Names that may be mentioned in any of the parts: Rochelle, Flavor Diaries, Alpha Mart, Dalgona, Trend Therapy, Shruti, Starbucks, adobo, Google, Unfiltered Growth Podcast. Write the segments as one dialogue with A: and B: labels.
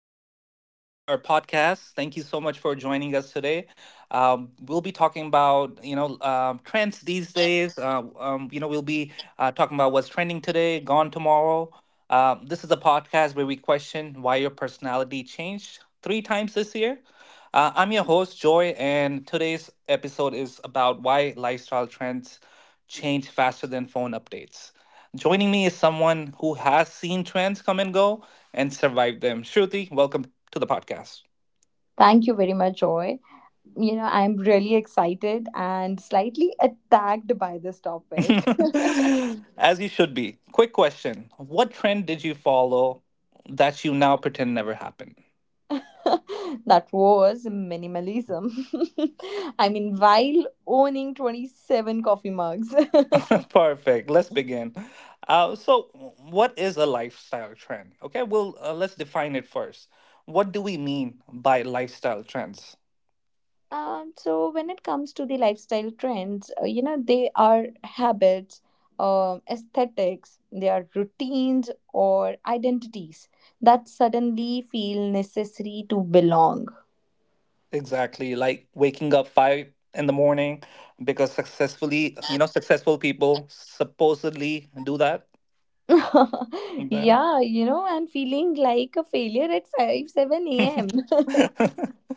A: welcome to our podcast. Thank you so much for joining us today. We'll be talking about trends these days. We'll be talking about what's trending today, gone tomorrow. This is a podcast where we question why your personality changed three times this year. I'm your host Joy, and today's episode is about why lifestyle trends change faster than phone updates. Joining me is someone who has seen trends come and go and survived them. Shruti, welcome to the podcast.
B: Thank you very much, Joy. I'm really excited and slightly attacked by this topic.
A: As you should be. Quick question. What trend did you follow that you now pretend never happened?
B: That was minimalism. I mean, while owning 27 coffee mugs.
A: Perfect. Let's begin. So, what is a lifestyle trend? Okay, well, let's define it first. What do we mean by lifestyle trends?
B: So when it comes to the lifestyle trends, they are habits, aesthetics, they are routines or identities that suddenly feel necessary to belong.
A: Exactly, like waking up 5 in the morning because successful people supposedly do that. Yeah.
B: Yeah, and feeling like a failure at 5 7 a.m.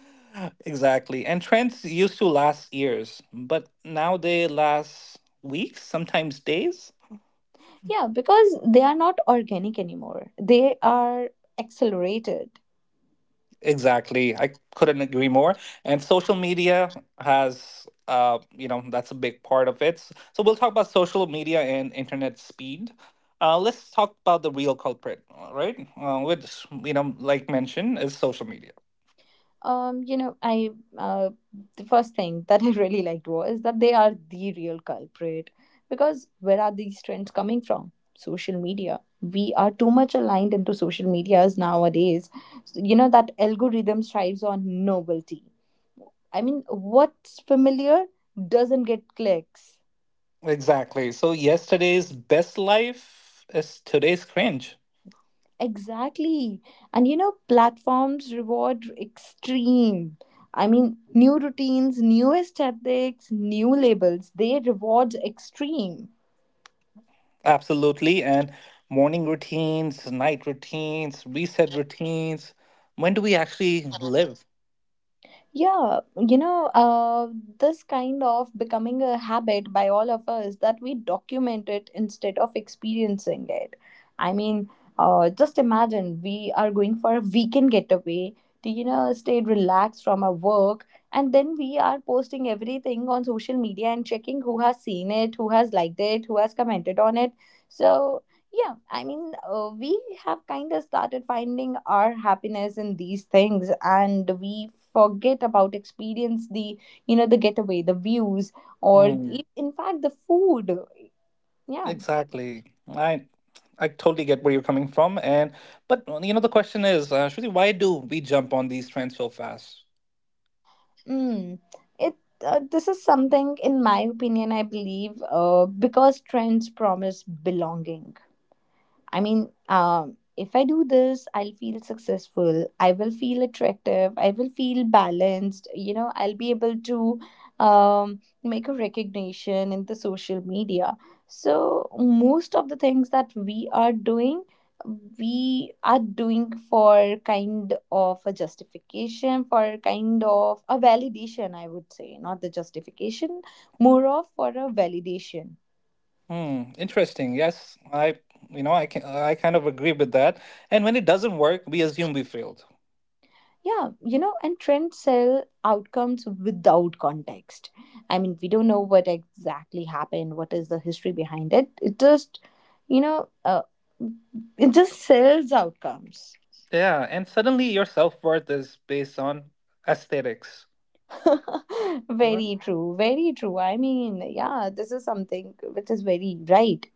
A: Exactly. And trends used to last years, but now they last weeks, sometimes days.
B: Yeah, because they are not organic anymore, they are accelerated.
A: Exactly. I couldn't agree more. And social media that's a big part of it. So we'll talk about social media and internet speed. Let's talk about the real culprit, all right? Which, like mentioned, is social media.
B: You know, I uh, the first thing that I really liked was that they are the real culprit, because where are these trends coming from? Social media. We are too much aligned into social medias nowadays. That algorithm thrives on novelty. I mean, what's familiar doesn't get clicks.
A: Exactly. So yesterday's best life is today's cringe.
B: Exactly. And platforms reward extreme. I mean, new routines, new aesthetics, new labels, they reward extreme.
A: Absolutely. And morning routines, night routines, reset routines. When do we actually live?
B: Yeah, this kind of becoming a habit by all of us that we document it instead of experiencing it. I mean, just imagine we are going for a weekend getaway to, stay relaxed from our work, and then we are posting everything on social media and checking who has seen it, who has liked it, who has commented on it. So yeah, we have kind of started finding our happiness in these things, and we forget about experience the the getaway, the views, or
A: Hmm.
B: in fact the food. Yeah.
A: Exactly. I totally get where you're coming from, and but you know the question is, Shruti, why do we jump on these trends so fast?
B: mm. it This is something in my opinion I believe, because trends promise belonging. If I do this, I'll feel successful. I will feel attractive. I will feel balanced. I'll be able to make a recognition in the social media. So, most of the things that we are doing for kind of a justification, for kind of a validation, I would say. Not the justification, more of for a validation.
A: Hmm. Interesting. Yes, I you know I can I kind of agree with that. And when it doesn't work, we assume we failed.
B: Yeah, and trends sell outcomes without context. I mean, we don't know what exactly happened, what is the history behind it. It just, you know, uh, it just sells outcomes.
A: Yeah, and suddenly your self worth is based on aesthetics.
B: Very true, very true. I mean, yeah, this is something which is very right.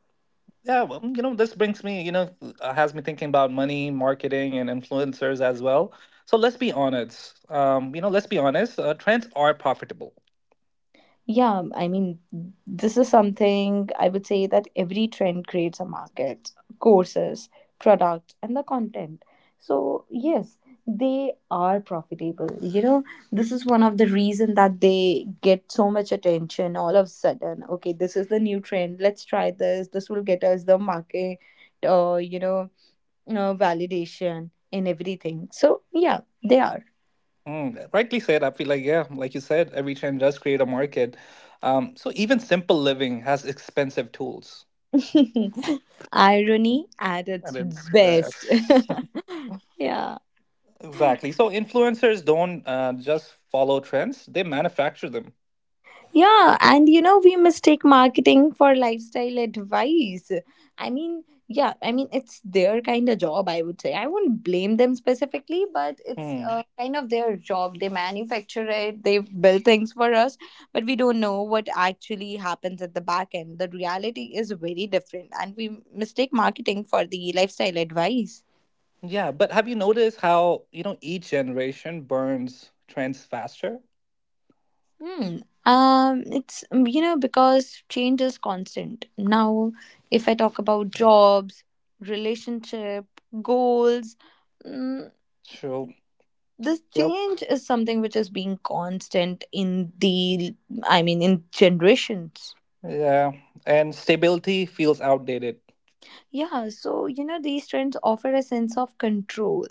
A: Yeah, well, this brings me, you know, has me thinking about money, marketing, and influencers as well. So let's be honest. Trends are profitable.
B: Yeah, I mean, this is something I would say that every trend creates a market, courses, products, and the content. So, yes, they are profitable. This is one of the reason that they get so much attention all of a sudden. Okay, this is the new trend. Let's try this. This will get us the market, uh, you know, validation in everything. So, yeah, they are.
A: Rightly said. I feel like, yeah, like you said, every trend does create a market. So even simple living has expensive tools,
B: Irony at
A: and
B: its
A: it's
B: best.
A: best.
B: Yeah.
A: Exactly. So influencers don't just follow trends; they manufacture them.
B: Yeah, and we mistake marketing for lifestyle advice. I mean, yeah, I mean, it's their kind of job, I would say. I won't blame them specifically, but it's
A: Hmm.
B: kind of their job. They manufacture it, they build things for us, but we don't know what actually happens at the back end. The reality is very different, and we mistake marketing for the lifestyle advice.
A: Yeah, but have you noticed how, each generation burns trends faster?
B: Hmm. It's you know because change is constant. Now, if I talk about jobs, relationship, goals, mm,
A: True.
B: this
A: Yep.
B: change is something which is being constant in the, I mean, in generations.
A: Yeah. And stability feels outdated.
B: Yeah, so these trends offer a sense of control.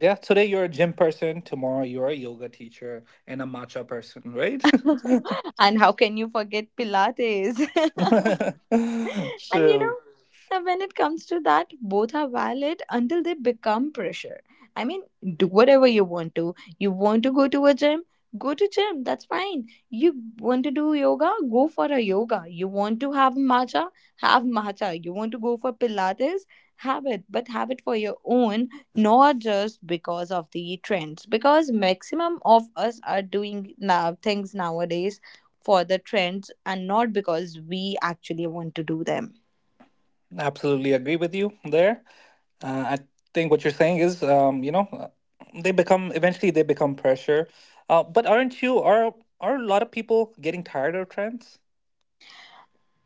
A: Yeah. Today you're a gym person. Tomorrow you're a yoga teacher and a matcha person, right?
B: And how can you forget Pilates? And
A: True.
B: when it comes to that, both are valid until they become pressure. I mean, do whatever you want to. You want to go to a gym? Go to gym. That's fine. You want to do yoga? Go for a yoga. You want to have matcha? Have matcha. You want to go for Pilates? Have it, but have it for your own, not just because of the trends. Because maximum of us are doing now things nowadays for the trends and not because we actually want to do them.
A: Absolutely agree with you there. I think what you're saying is, they become eventually they become pressure. But aren't you are a lot of people getting tired of trends?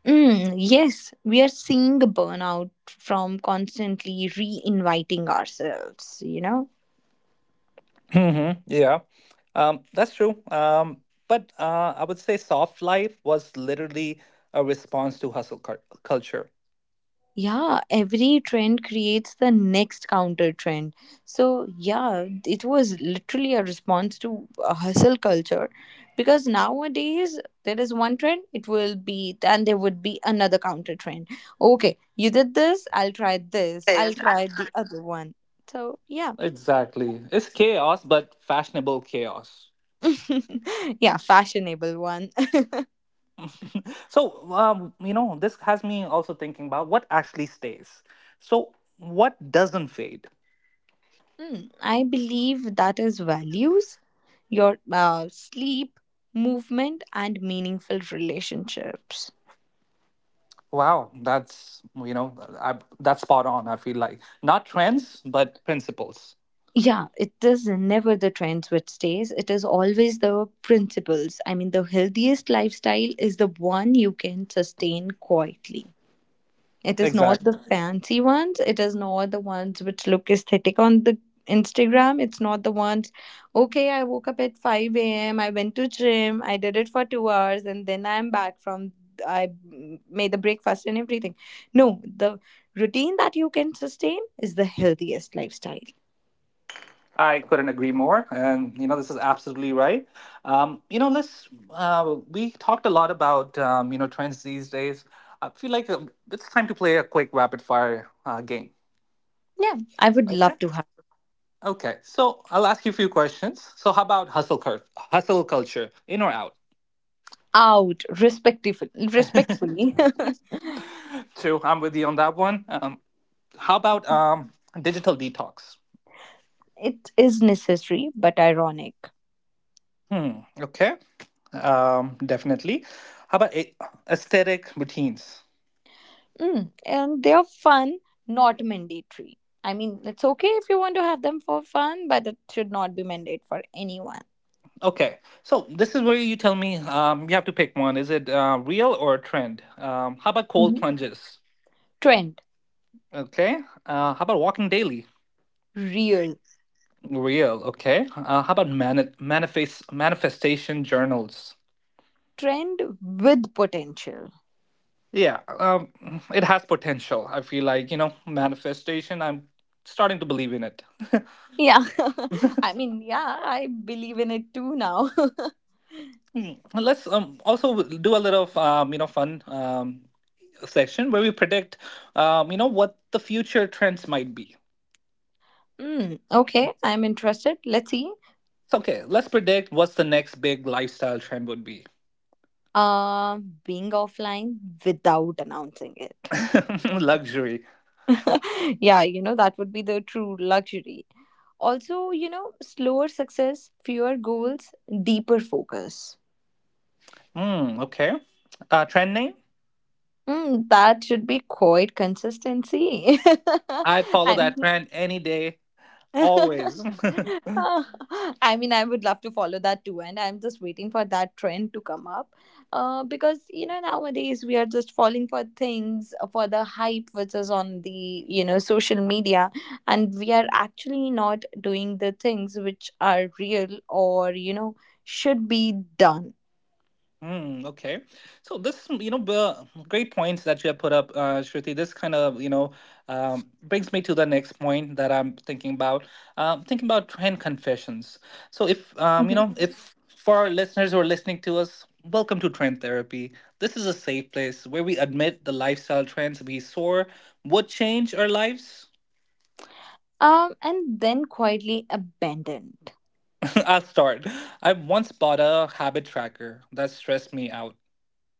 B: Mm, yes, we are seeing a burnout from constantly re-inviting ourselves, you know?
C: Yeah, that's true. But I would say soft life was literally a response to culture.
B: Yeah, every trend creates the next counter trend. So, yeah, it was literally a response to a hustle culture, because nowadays there is one trend, it will be, and there would be another counter trend. Okay, you did this, I'll
C: Yes,
B: try the
C: actually.
B: other one. So, yeah.
C: Exactly. It's chaos, but fashionable chaos.
B: Yeah, fashionable one.
C: So, this has me also thinking about what actually stays. So, what doesn't fade?
B: Mm, I believe that is values, your sleep, movement, and meaningful relationships.
C: Wow, that's, that's spot on, I feel like. Not trends, but principles.
B: Yeah, it is never the trends which stays. It is always the principles. I mean, the healthiest lifestyle is the one you can sustain quietly. It is not the
C: Exactly.
B: fancy ones. It is not the ones which look aesthetic on the Instagram. It's not the ones, okay, I woke up at 5 a.m., I went to gym, I did it for 2 hours, and then I'm back from, I made the breakfast and everything. No, the routine that you can sustain is the healthiest lifestyle.
C: I couldn't agree more, and you know this is absolutely right. You know, let's we talked a lot about trends these days. I feel like it's time to play a quick rapid fire game.
B: Yeah, I would
C: Okay.
B: love to have.
C: Okay, so I'll ask you a few questions. So, how about hustle culture, in or out?
B: Out respectfully, respectfully.
C: True, I'm with you on that one. How about digital detox?
B: It is necessary but ironic.
C: Hmm. Okay. Definitely. How about aesthetic routines?
B: Mm, and they're fun, not mandatory. I mean, it's okay if you want to have them for fun, but it should not be mandate for anyone.
C: Okay, so this is where you tell me you have to pick one. Is it real or a trend? How about cold
B: Mhm.
C: plunges?
B: Trend.
C: Okay. How about walking daily?
B: Real.
C: Real. Okay. How about manifestation journals?
B: Trend with potential.
C: Yeah, it has potential. I feel like you know manifestation. I'm starting to believe in it.
B: Yeah, I mean, yeah, I believe in it too now.
C: Hmm. Let's also do a little fun section where we predict what the future trends might be.
B: Mm, okay, I'm interested. Let's see.
C: So, okay, let's predict what's the next big lifestyle trend would be.
B: Uh, Being offline without announcing it.
C: Luxury.
B: Yeah, that would be the true luxury. Also, slower success, fewer goals, deeper focus.
C: Hmm, okay. Trend name?
B: Mm, that should be quite consistency.
C: I'd follow that
B: I'm.
C: trend any day, always.
B: I mean, I would love to follow that too, and I'm just waiting for that trend to come up. Because nowadays we are just falling for things for the hype which is on the social media, and we are actually not doing the things which are real or should be done.
C: Mm, okay. So this, you know, great points that you have put up, Shruti. This kind of, brings me to the next point that I'm thinking about. Thinking about trend confessions. So if,
B: Mhm.
C: if for our listeners who are listening to us, welcome to Trend Therapy. This is a safe place where we admit the lifestyle trends we saw would change our lives.
B: And then quietly abandoned.
C: I'll start. I once bought a habit tracker that stressed me out.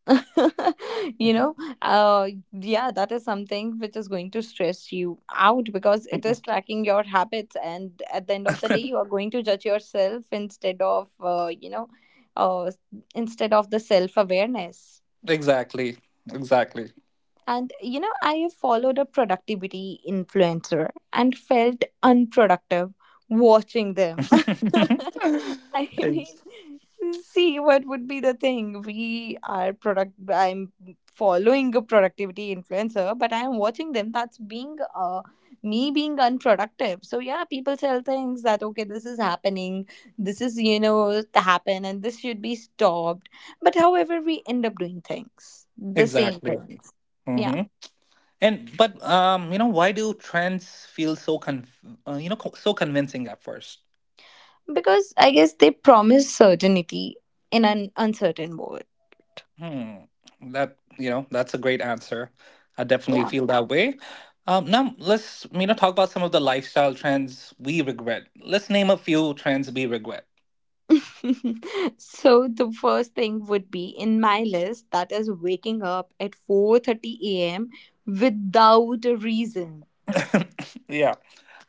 B: you know yeah, that is something which is going to stress you out because it is tracking your habits and at the end of the day you are going to judge yourself instead of, uh, instead of the self awareness.
C: Exactly. Exactly.
B: And I have followed a productivity influencer and felt unproductive watching them. I mean,
C: Ex-
B: see what would be the thing. We are product I'm following a productivity influencer, but I am watching them. That's being me being unproductive. So yeah, people tell things that okay, this is happening, this is to happen and this should be stopped. But however we end up doing things. The same
C: exactly.
B: things. Yeah.
C: hmm and but you know why do trends feel so con you know co- so convincing at first?
B: Because I guess they promise certainty in an uncertain world.
C: Hmm, that's a great answer. I definitely
B: Yeah.
C: feel that way. Now let's talk about some of the lifestyle trends we regret. Let's name a few trends we regret.
B: So the first thing would be in my list that is waking up at 4:30 a.m. without a reason.
C: Yeah,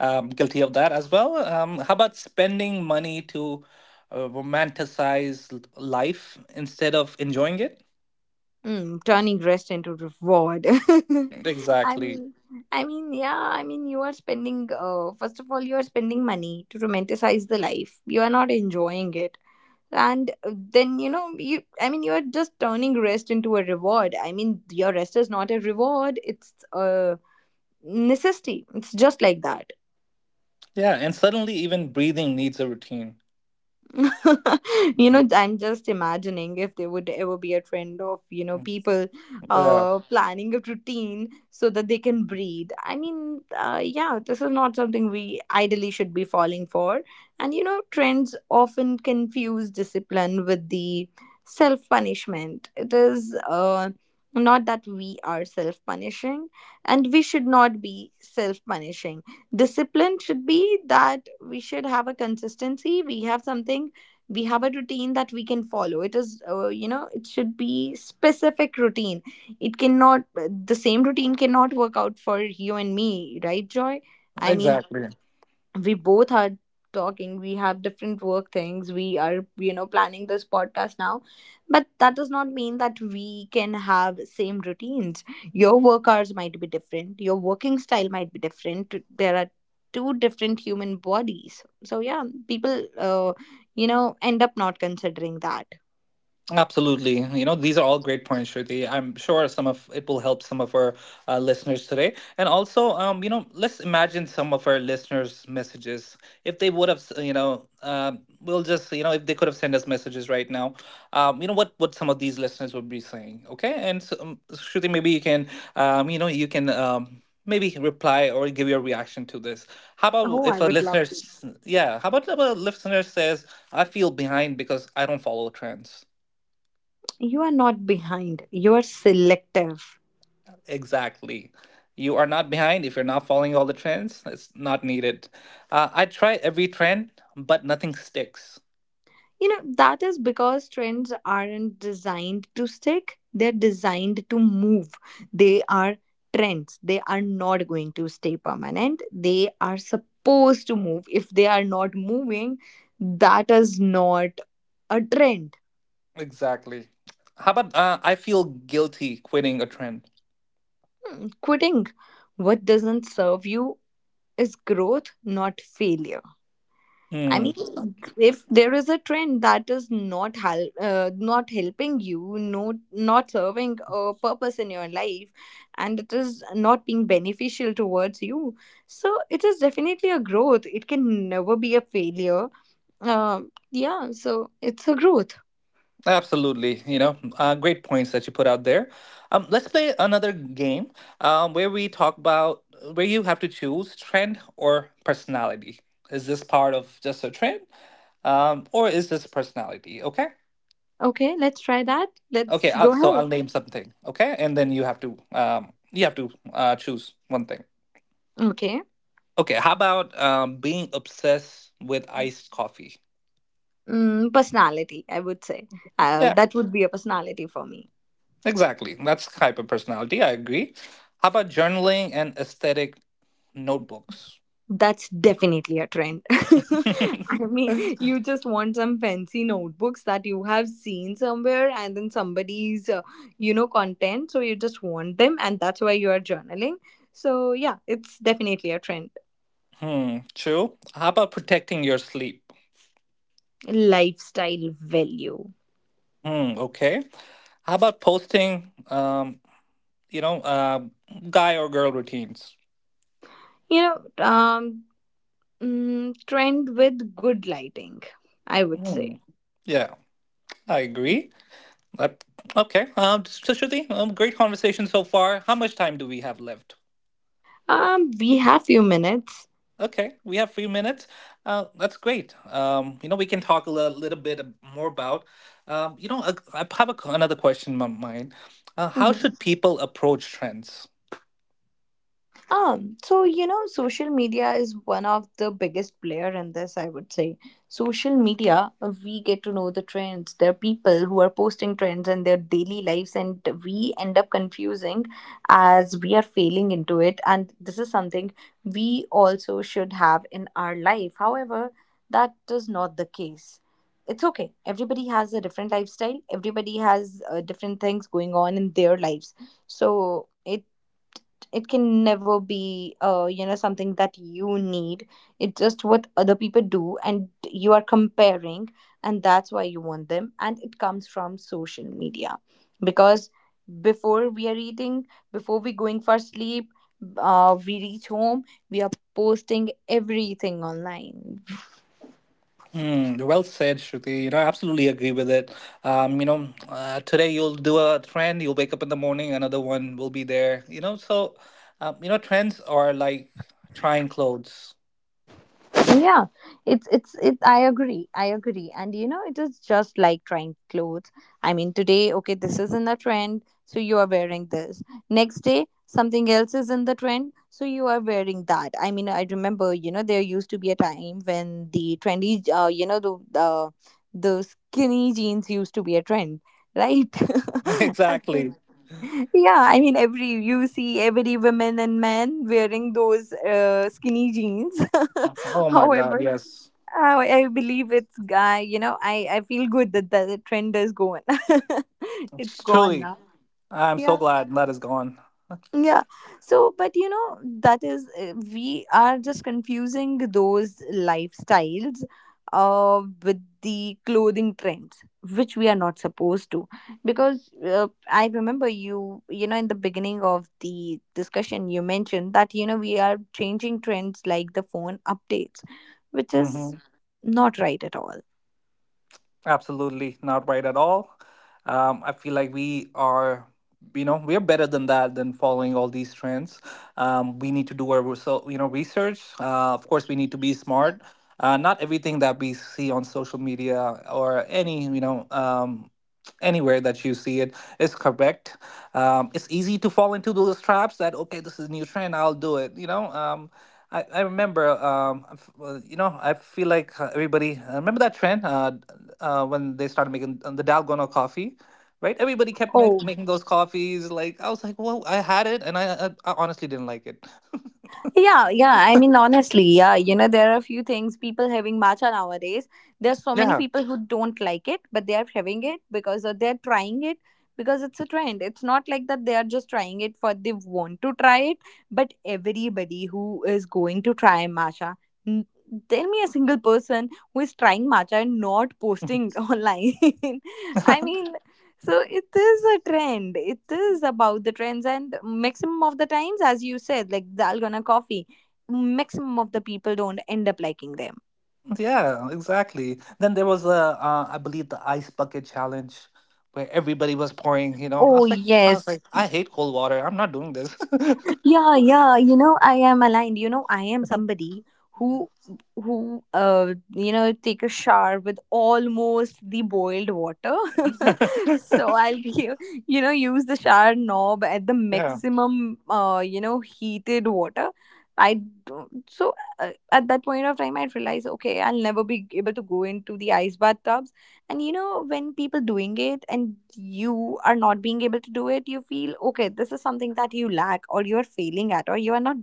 C: guilty of that as well. How about spending money to romanticize life instead of enjoying it?
B: Mm, turning rest into reward. I
C: Exactly.
B: mean, I mean, yeah, I mean, you are spending, first of all, you are spending money to romanticize the life. You are not enjoying it. And then you, you're just turning rest into a reward. I mean, your rest is not a reward, it's a necessity, it's just like that.
C: Yeah, and suddenly even breathing needs a routine.
B: I'm just imagining if there would ever be a trend of people
C: Yeah,
B: planning a routine so that they can breathe. Yeah, this is not something we ideally should be falling for. And trends often confuse discipline with the self punishment. It is not that we are self punishing, and we should not be self punishing. Discipline should be that we should have a consistency, we have something, we have a routine that we can follow. It is you know It should be specific routine. It cannot The same routine cannot work out for you and me, right Joy? I mean,
C: exactly.
B: we both are talking, we have different work things, we are planning this podcast now, but that does not mean that we can have same routines. Your work hours might be different, your working style might be different, there are two different human bodies. So yeah, people, end up not considering that.
C: Absolutely. You know, these are all great points, Shruti. I'm sure some of it will help some of our listeners today. And also, let's imagine some of our listeners' messages. If they would have, we'll just, you know, if they could have sent us messages right now, what some of these listeners would be saying. Okay. And so, Shruti, maybe you can, you can maybe reply or give your reaction to this. How about
B: Oh, I
C: if a
B: would love
C: listener,
B: to.
C: yeah, how about if a listener says, I feel behind because I don't follow trends?
B: You are not behind, you are selective.
C: Exactly. You are not behind if you're not following all the trends. It's not needed. I try every trend, but nothing sticks.
B: That is because trends aren't designed to stick, they're designed to move. They are trends, they are not going to stay permanent. They are supposed to move. If they are not moving, that is not a trend.
C: Exactly. How about I feel guilty quitting a trend?
B: Hmm. Quitting what doesn't serve you is growth, not failure. I
C: Hmm.
B: mean, if there is a trend that is not helping you, not serving a purpose in your life, and it is not being beneficial towards you, so it is definitely a growth. It can never be a failure. Yeah, so it's a growth.
C: Absolutely. You know, great points that you put out there. Let's play another game where we talk about where you have to choose trend or personality. Is this part of just a trend, or is this personality? Okay.
B: Okay, let's try that.
C: Okay,
B: Let's go
C: so
B: ahead.
C: I'll name something. Okay, and then you have to choose one thing.
B: Okay.
C: Okay, how about being obsessed with iced coffee?
B: Mm, personality. I would say
C: Yeah,
B: that would be a personality for me.
C: exactly. That's hyper personality. I agree. How about journaling and aesthetic notebooks?
B: That's definitely a trend. I mean, you just want some fancy notebooks that you have seen somewhere and then somebody's content. So you just want them, and that's why you are journaling. So, yeah, it's definitely a trend.
C: Hmm, true. How about protecting your sleep?
B: Lifestyle value.
C: Hmm, okay. How about posting, you know, uh, guy or girl routines?
B: You know, um, trend with good lighting, I would
C: Hmm.
B: say.
C: Yeah, I agree. Uh, okay. So, great conversation so far. How much time do we have left?
B: We have few minutes.
C: Okay, we have a few minutes. That's great. We can talk little bit more about. I have a another question in my mind. How should people approach trends?
B: So social media is one of the biggest player in this, I would say. Social media, we get to know the trends. There are people who are posting trends in their daily lives, and we end up confusing as we are failing into it. And this is something we also should have in our life. However, that is not the case. It's okay. Everybody has a different lifestyle. Everybody has different things going on in their lives. So it can never be something that you need. It's just what other people do, and you are comparing, and that's why you want them, and it comes from social media. Because before we are eating, before we going for sleep, we reach home, we are posting everything online.
C: Mm, well said, Shruti. You know, I absolutely agree with it. Today you'll do a trend, you'll wake up in the morning, another one will be there. You know, so, trends are like trying clothes.
B: Yeah, it's it I agree, and it is just like trying clothes. I mean, today, okay, this is in the trend, so you are wearing this. Next day, something else is in the trend, so you are wearing that. I mean, I remember, there used to be a time when the trendy you know the skinny jeans used to be a trend, right?
C: Exactly.
B: Absolutely. Yeah, I mean, every, you see, every women and men wearing those skinny jeans.
C: Oh my God,
B: However,
C: yes.
B: I believe it's guy. I feel good that the trend is gone. It's gone
C: Truly,
B: now.
C: I'm so
B: Yeah.
C: glad that is gone.
B: Yeah. So, but you know, that is, we are just confusing those lifestyles with the clothing trends, which we are not supposed to. Because I remember, in the beginning of the discussion, you mentioned that we are changing trends like the phone updates, which is
C: Mhm.
B: not right at all.
C: Absolutely not right at all. I feel like we are, you know, we are better than that than following all these trends. We need to do our research. Of course, we need to be smart. Not everything that we see on social media or any anywhere that you see it is correct. It's easy to fall into those traps that okay, this is a new trend, I'll do it. I remember, I f- you know, I feel like everybody remember that trend when they started making the Dalgona coffee. Right, everybody kept
B: Oh.
C: making those coffees. Like I was like, well, I had it, and I honestly didn't like it.
B: Yeah, yeah. I mean, honestly, yeah. There are a few things people having matcha nowadays. There's so many
C: Yeah.
B: people who don't like it, but they are having it because or they're trying it because it's a trend. It's not like that they are just trying it for they want to try it, but everybody who is going to try matcha, n- tell me a single person who is trying matcha and not posting online. I mean, so it is a trend. It is about the trends, and maximum of the times, as you said, like the Algona coffee, maximum of the people don't end up liking them.
C: Yeah, exactly. Then there was a, I believe the ice bucket challenge where everybody was pouring, you know. I
B: Oh
C: was like I was
B: yes,
C: like I hate cold water. I'm not doing this.
B: yeah, yeah, I am aligned. I am somebody who who take a shower with almost the boiled water. So I'll give you know use the shower knob at the
C: Yeah.
B: maximum heated water. I don't. So, at that point of time, I realized, okay, I'll never be able to go into the ice bathtubs. And when people doing it and you are not being able to do it, you feel, okay, this is something that you lack or you're failing at or you are not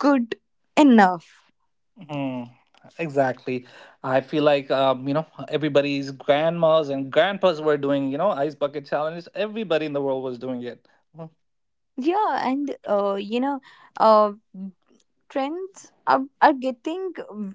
B: good enough.
C: Mm, exactly. I feel like you know, everybody's grandmas and grandpas were doing, you know, ice bucket challenges. Everybody in the world was doing it.
B: Yeah, and uh, trends are, getting,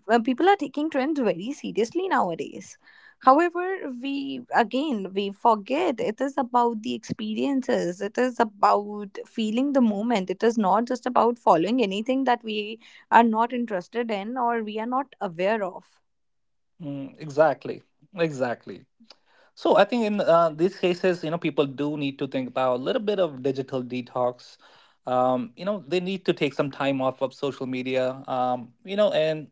B: people are taking trends very seriously nowadays. However, we again, we forget. It is about the experiences. It is about feeling the moment. It is not just about following anything that we are not interested in or we are not aware of.
C: Mm, exactly. Exactly. So I think in these cases, you know, people do need to think about a little bit of digital detox. They need to take some time off of social media. And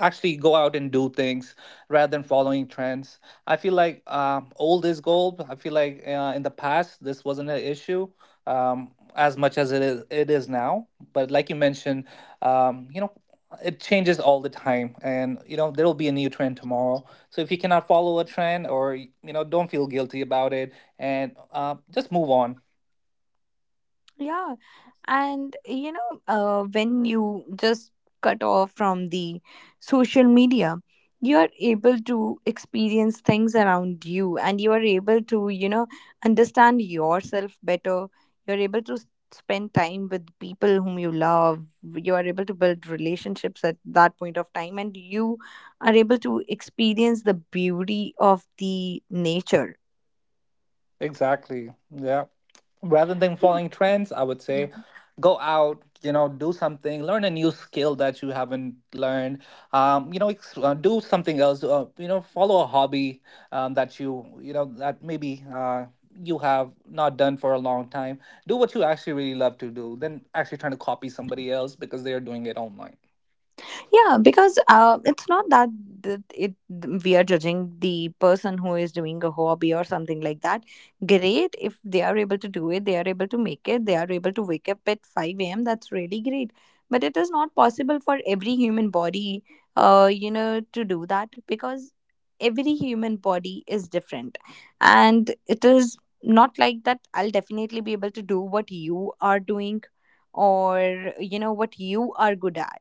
C: actually go out and do things rather than following trends. I feel like old is gold. I feel like in the past this wasn't an issue as much as it is now. But like you mentioned, um, you know, it changes all the time, and you know there will be a new trend tomorrow. So if you cannot follow a trend, or you know, don't feel guilty about it, and just move on.
B: Yeah, and when you just cut off from the social media, you are able to experience things around you, and you are able to, understand yourself better. You're able to spend time with people whom you love. You are able to build relationships at that point of time, and you are able to experience the beauty of the nature.
C: Exactly. Yeah. Rather than following trends, I would say go out, you know, do something, learn a new skill that you haven't learned. You know, ex- do something else. You know, follow a hobby that you, that maybe you have not done for a long time. Do what you actually really love to do, then actually trying to copy somebody else because they are doing it online.
B: Yeah, because it's not that, th- it we are judging the person who is doing a hobby or something like that. Great if they are able to do it, they are able to make it, they are able to wake up at 5 a.m. That's really great. But it is not possible for every human body, to do that because every human body is different, and it is not like that. I'll definitely be able to do what you are doing, or you know what you are good at.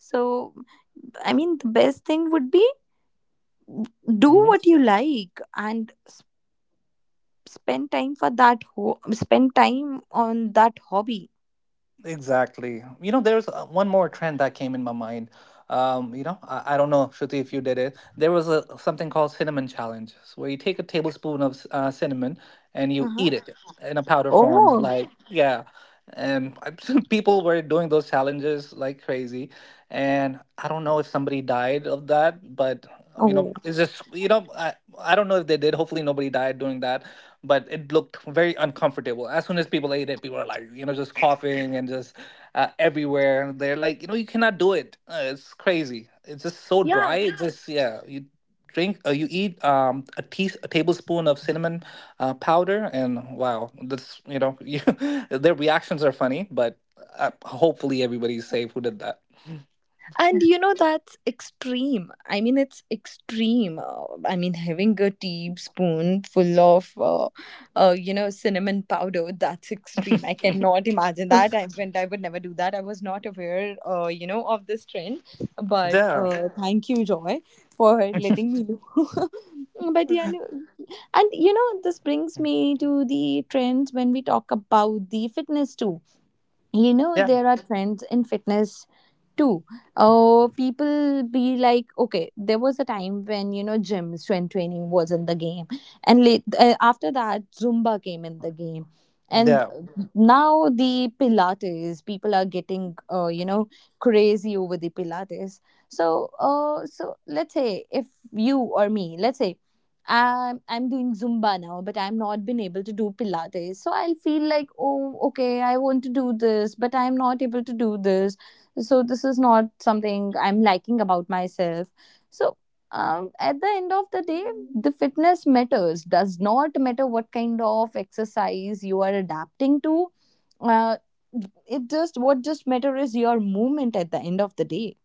B: So I mean, the best thing would be, do what
C: Mm-hmm.
B: you like, and spend time for that. Spend time on that hobby.
C: Exactly. You know, there's one more trend that came in my mind. I don't know, Shruti, if you did it. There was a something called cinnamon challenge, so where you take a tablespoon of cinnamon and you eat
B: Uh-huh.
C: it in a powder form,
B: Oh,
C: like yeah. And people were doing those challenges like crazy, and I don't know if somebody died of that, but you know,
B: oh.
C: it's just you know, I don't know if they did. Hopefully, nobody died doing that, but it looked very uncomfortable. As soon as people ate it, people were like, you know, just coughing and just everywhere. They're like, you know, you cannot do it. It's crazy. It's just so dry.
B: Yeah.
C: It's just yeah. You drink, you eat a tablespoon of cinnamon powder, and wow, that's you know, you, their reactions are funny, but hopefully everybody's safe who did that.
B: And that's extreme. I mean, it's extreme. I mean, having a teaspoon full of, cinnamon powder, that's extreme. I cannot imagine that. I would never do that. I was not aware, of this trend. But
C: Yeah.
B: thank you, Joy, for letting me know. But yeah, no, and this brings me to the trends when we talk about the fitness too. you know
C: Yeah,
B: there are trends in fitness. Two, people be like, okay, there was a time when gym strength training was in the game, and late, after that Zumba came in the game, and
C: yeah.
B: Mhm. Now the Pilates people are getting crazy over the Pilates. So, so let's say, if you, or me, let's say. I'm doing Zumba now, but I'm not been able to do Pilates. So I'll feel like, oh, okay, I want to do this, but I'm not able to do this. So this is not something I'm liking about myself. So, at the end of the day, the fitness matters. Does not matter what kind of exercise you are adapting to. Uh, it just what just matter is your movement at the end of the day.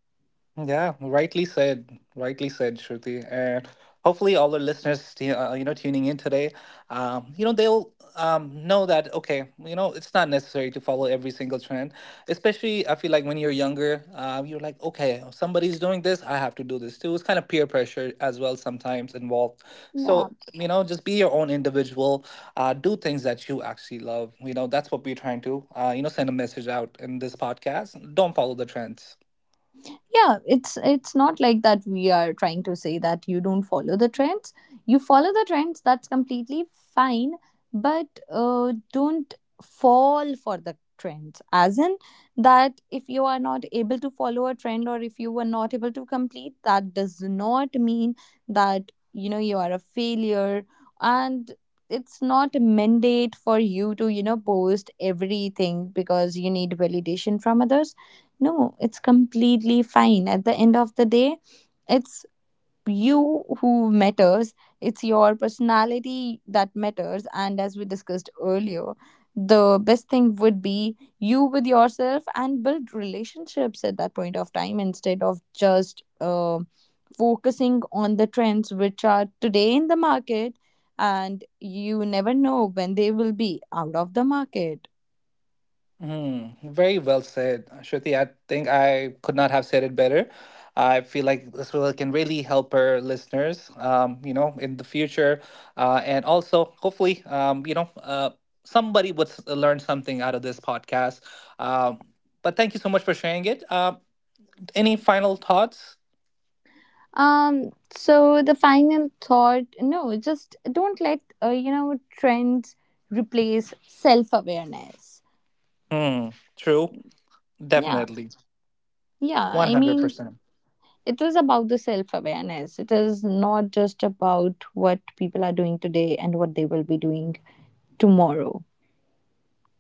C: Yeah, rightly said. Rightly said, Shruti. And hopefully, all the listeners, tuning in today, they'll know that okay, you know, it's not necessary to follow every single trend. Especially, I feel like when you're younger, you're like, okay, somebody's doing this, I have to do this too. It's kind of peer pressure as well sometimes involved.
B: Yeah.
C: So you know, just be your own individual, do things that you actually love. You know, that's what we're trying to, send a message out in this podcast. Don't follow the trends.
B: Yeah, it's not like that we are trying to say that you don't follow the trends. You follow the trends, that's completely fine. But don't fall for the trends as in that, if you are not able to follow a trend or if you were not able to complete, that does not mean that you are a failure. And it's not a mandate for you to post everything because you need validation from others. No, it's completely fine. At the end of the day, it's you who matters. It's your personality that matters. And as we discussed earlier, the best thing would be you with yourself and build relationships at that point of time instead of just focusing on the trends which are today in the market. And you never know when they will be out of the market.
C: Hmm. Very well said, Shruti. I think I could not have said it better. I feel like this will can really help our listeners, in the future, and also hopefully, somebody would learn something out of this podcast. Um, but thank you so much for sharing it. Any final thoughts?
B: So the final thought, no, just don't let trends replace self-awareness.
C: Hmm, true,
B: Yeah,
C: definitely,
B: yeah.
C: one
B: I
C: hundred
B: mean,
C: percent.
B: it is about the self-awareness. It is not just about what people are doing today and what they will be doing tomorrow.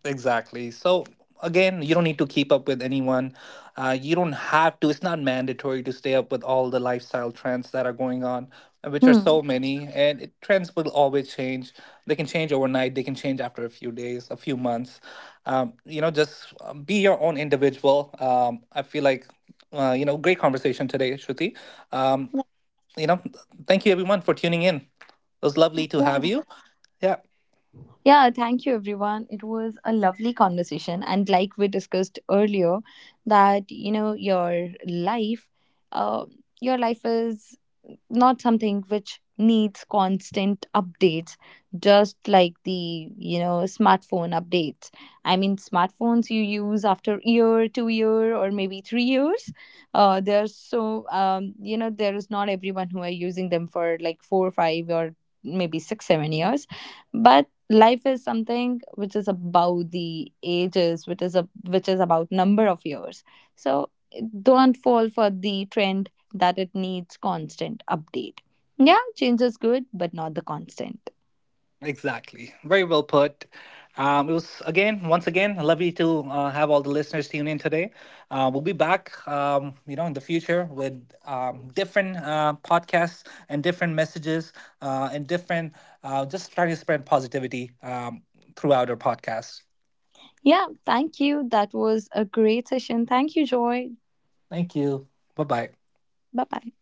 C: Exactly. So again, you don't need to keep up with anyone. You don't have to. It's not mandatory to stay up with all the lifestyle trends that are going on, which are
B: Hmm.
C: so many. Trends will always change. They can change overnight. They can change after a few days, a few months. Just be your own individual. I feel like, great conversation today, Shruti. Um, you know, thank you everyone for tuning in. It was lovely to
B: Yeah.
C: have you. Yeah.
B: Yeah, thank you everyone. It was a lovely conversation, and like we discussed earlier, that your life, uh, your life is not something which needs constant updates, just like the smartphone updates. I mean smartphones you use after year, 2 year or maybe 3 years. They're so there is not everyone who are using them for like 4 5 or maybe 6 7 years. But life is something which is about the ages, which is about number of years. So don't fall for the trend that it needs constant update. Yeah, change is good but not the constant.
C: Exactly. Very well put. It was again, once again, lovely to have all the listeners tune in today. We'll be back, in the future with different podcasts and different messages and just trying to spread positivity throughout our podcast.
B: Yeah, thank you, that was a great session. Thank you, Joy.
C: Thank you. Bye bye.
B: Bye bye.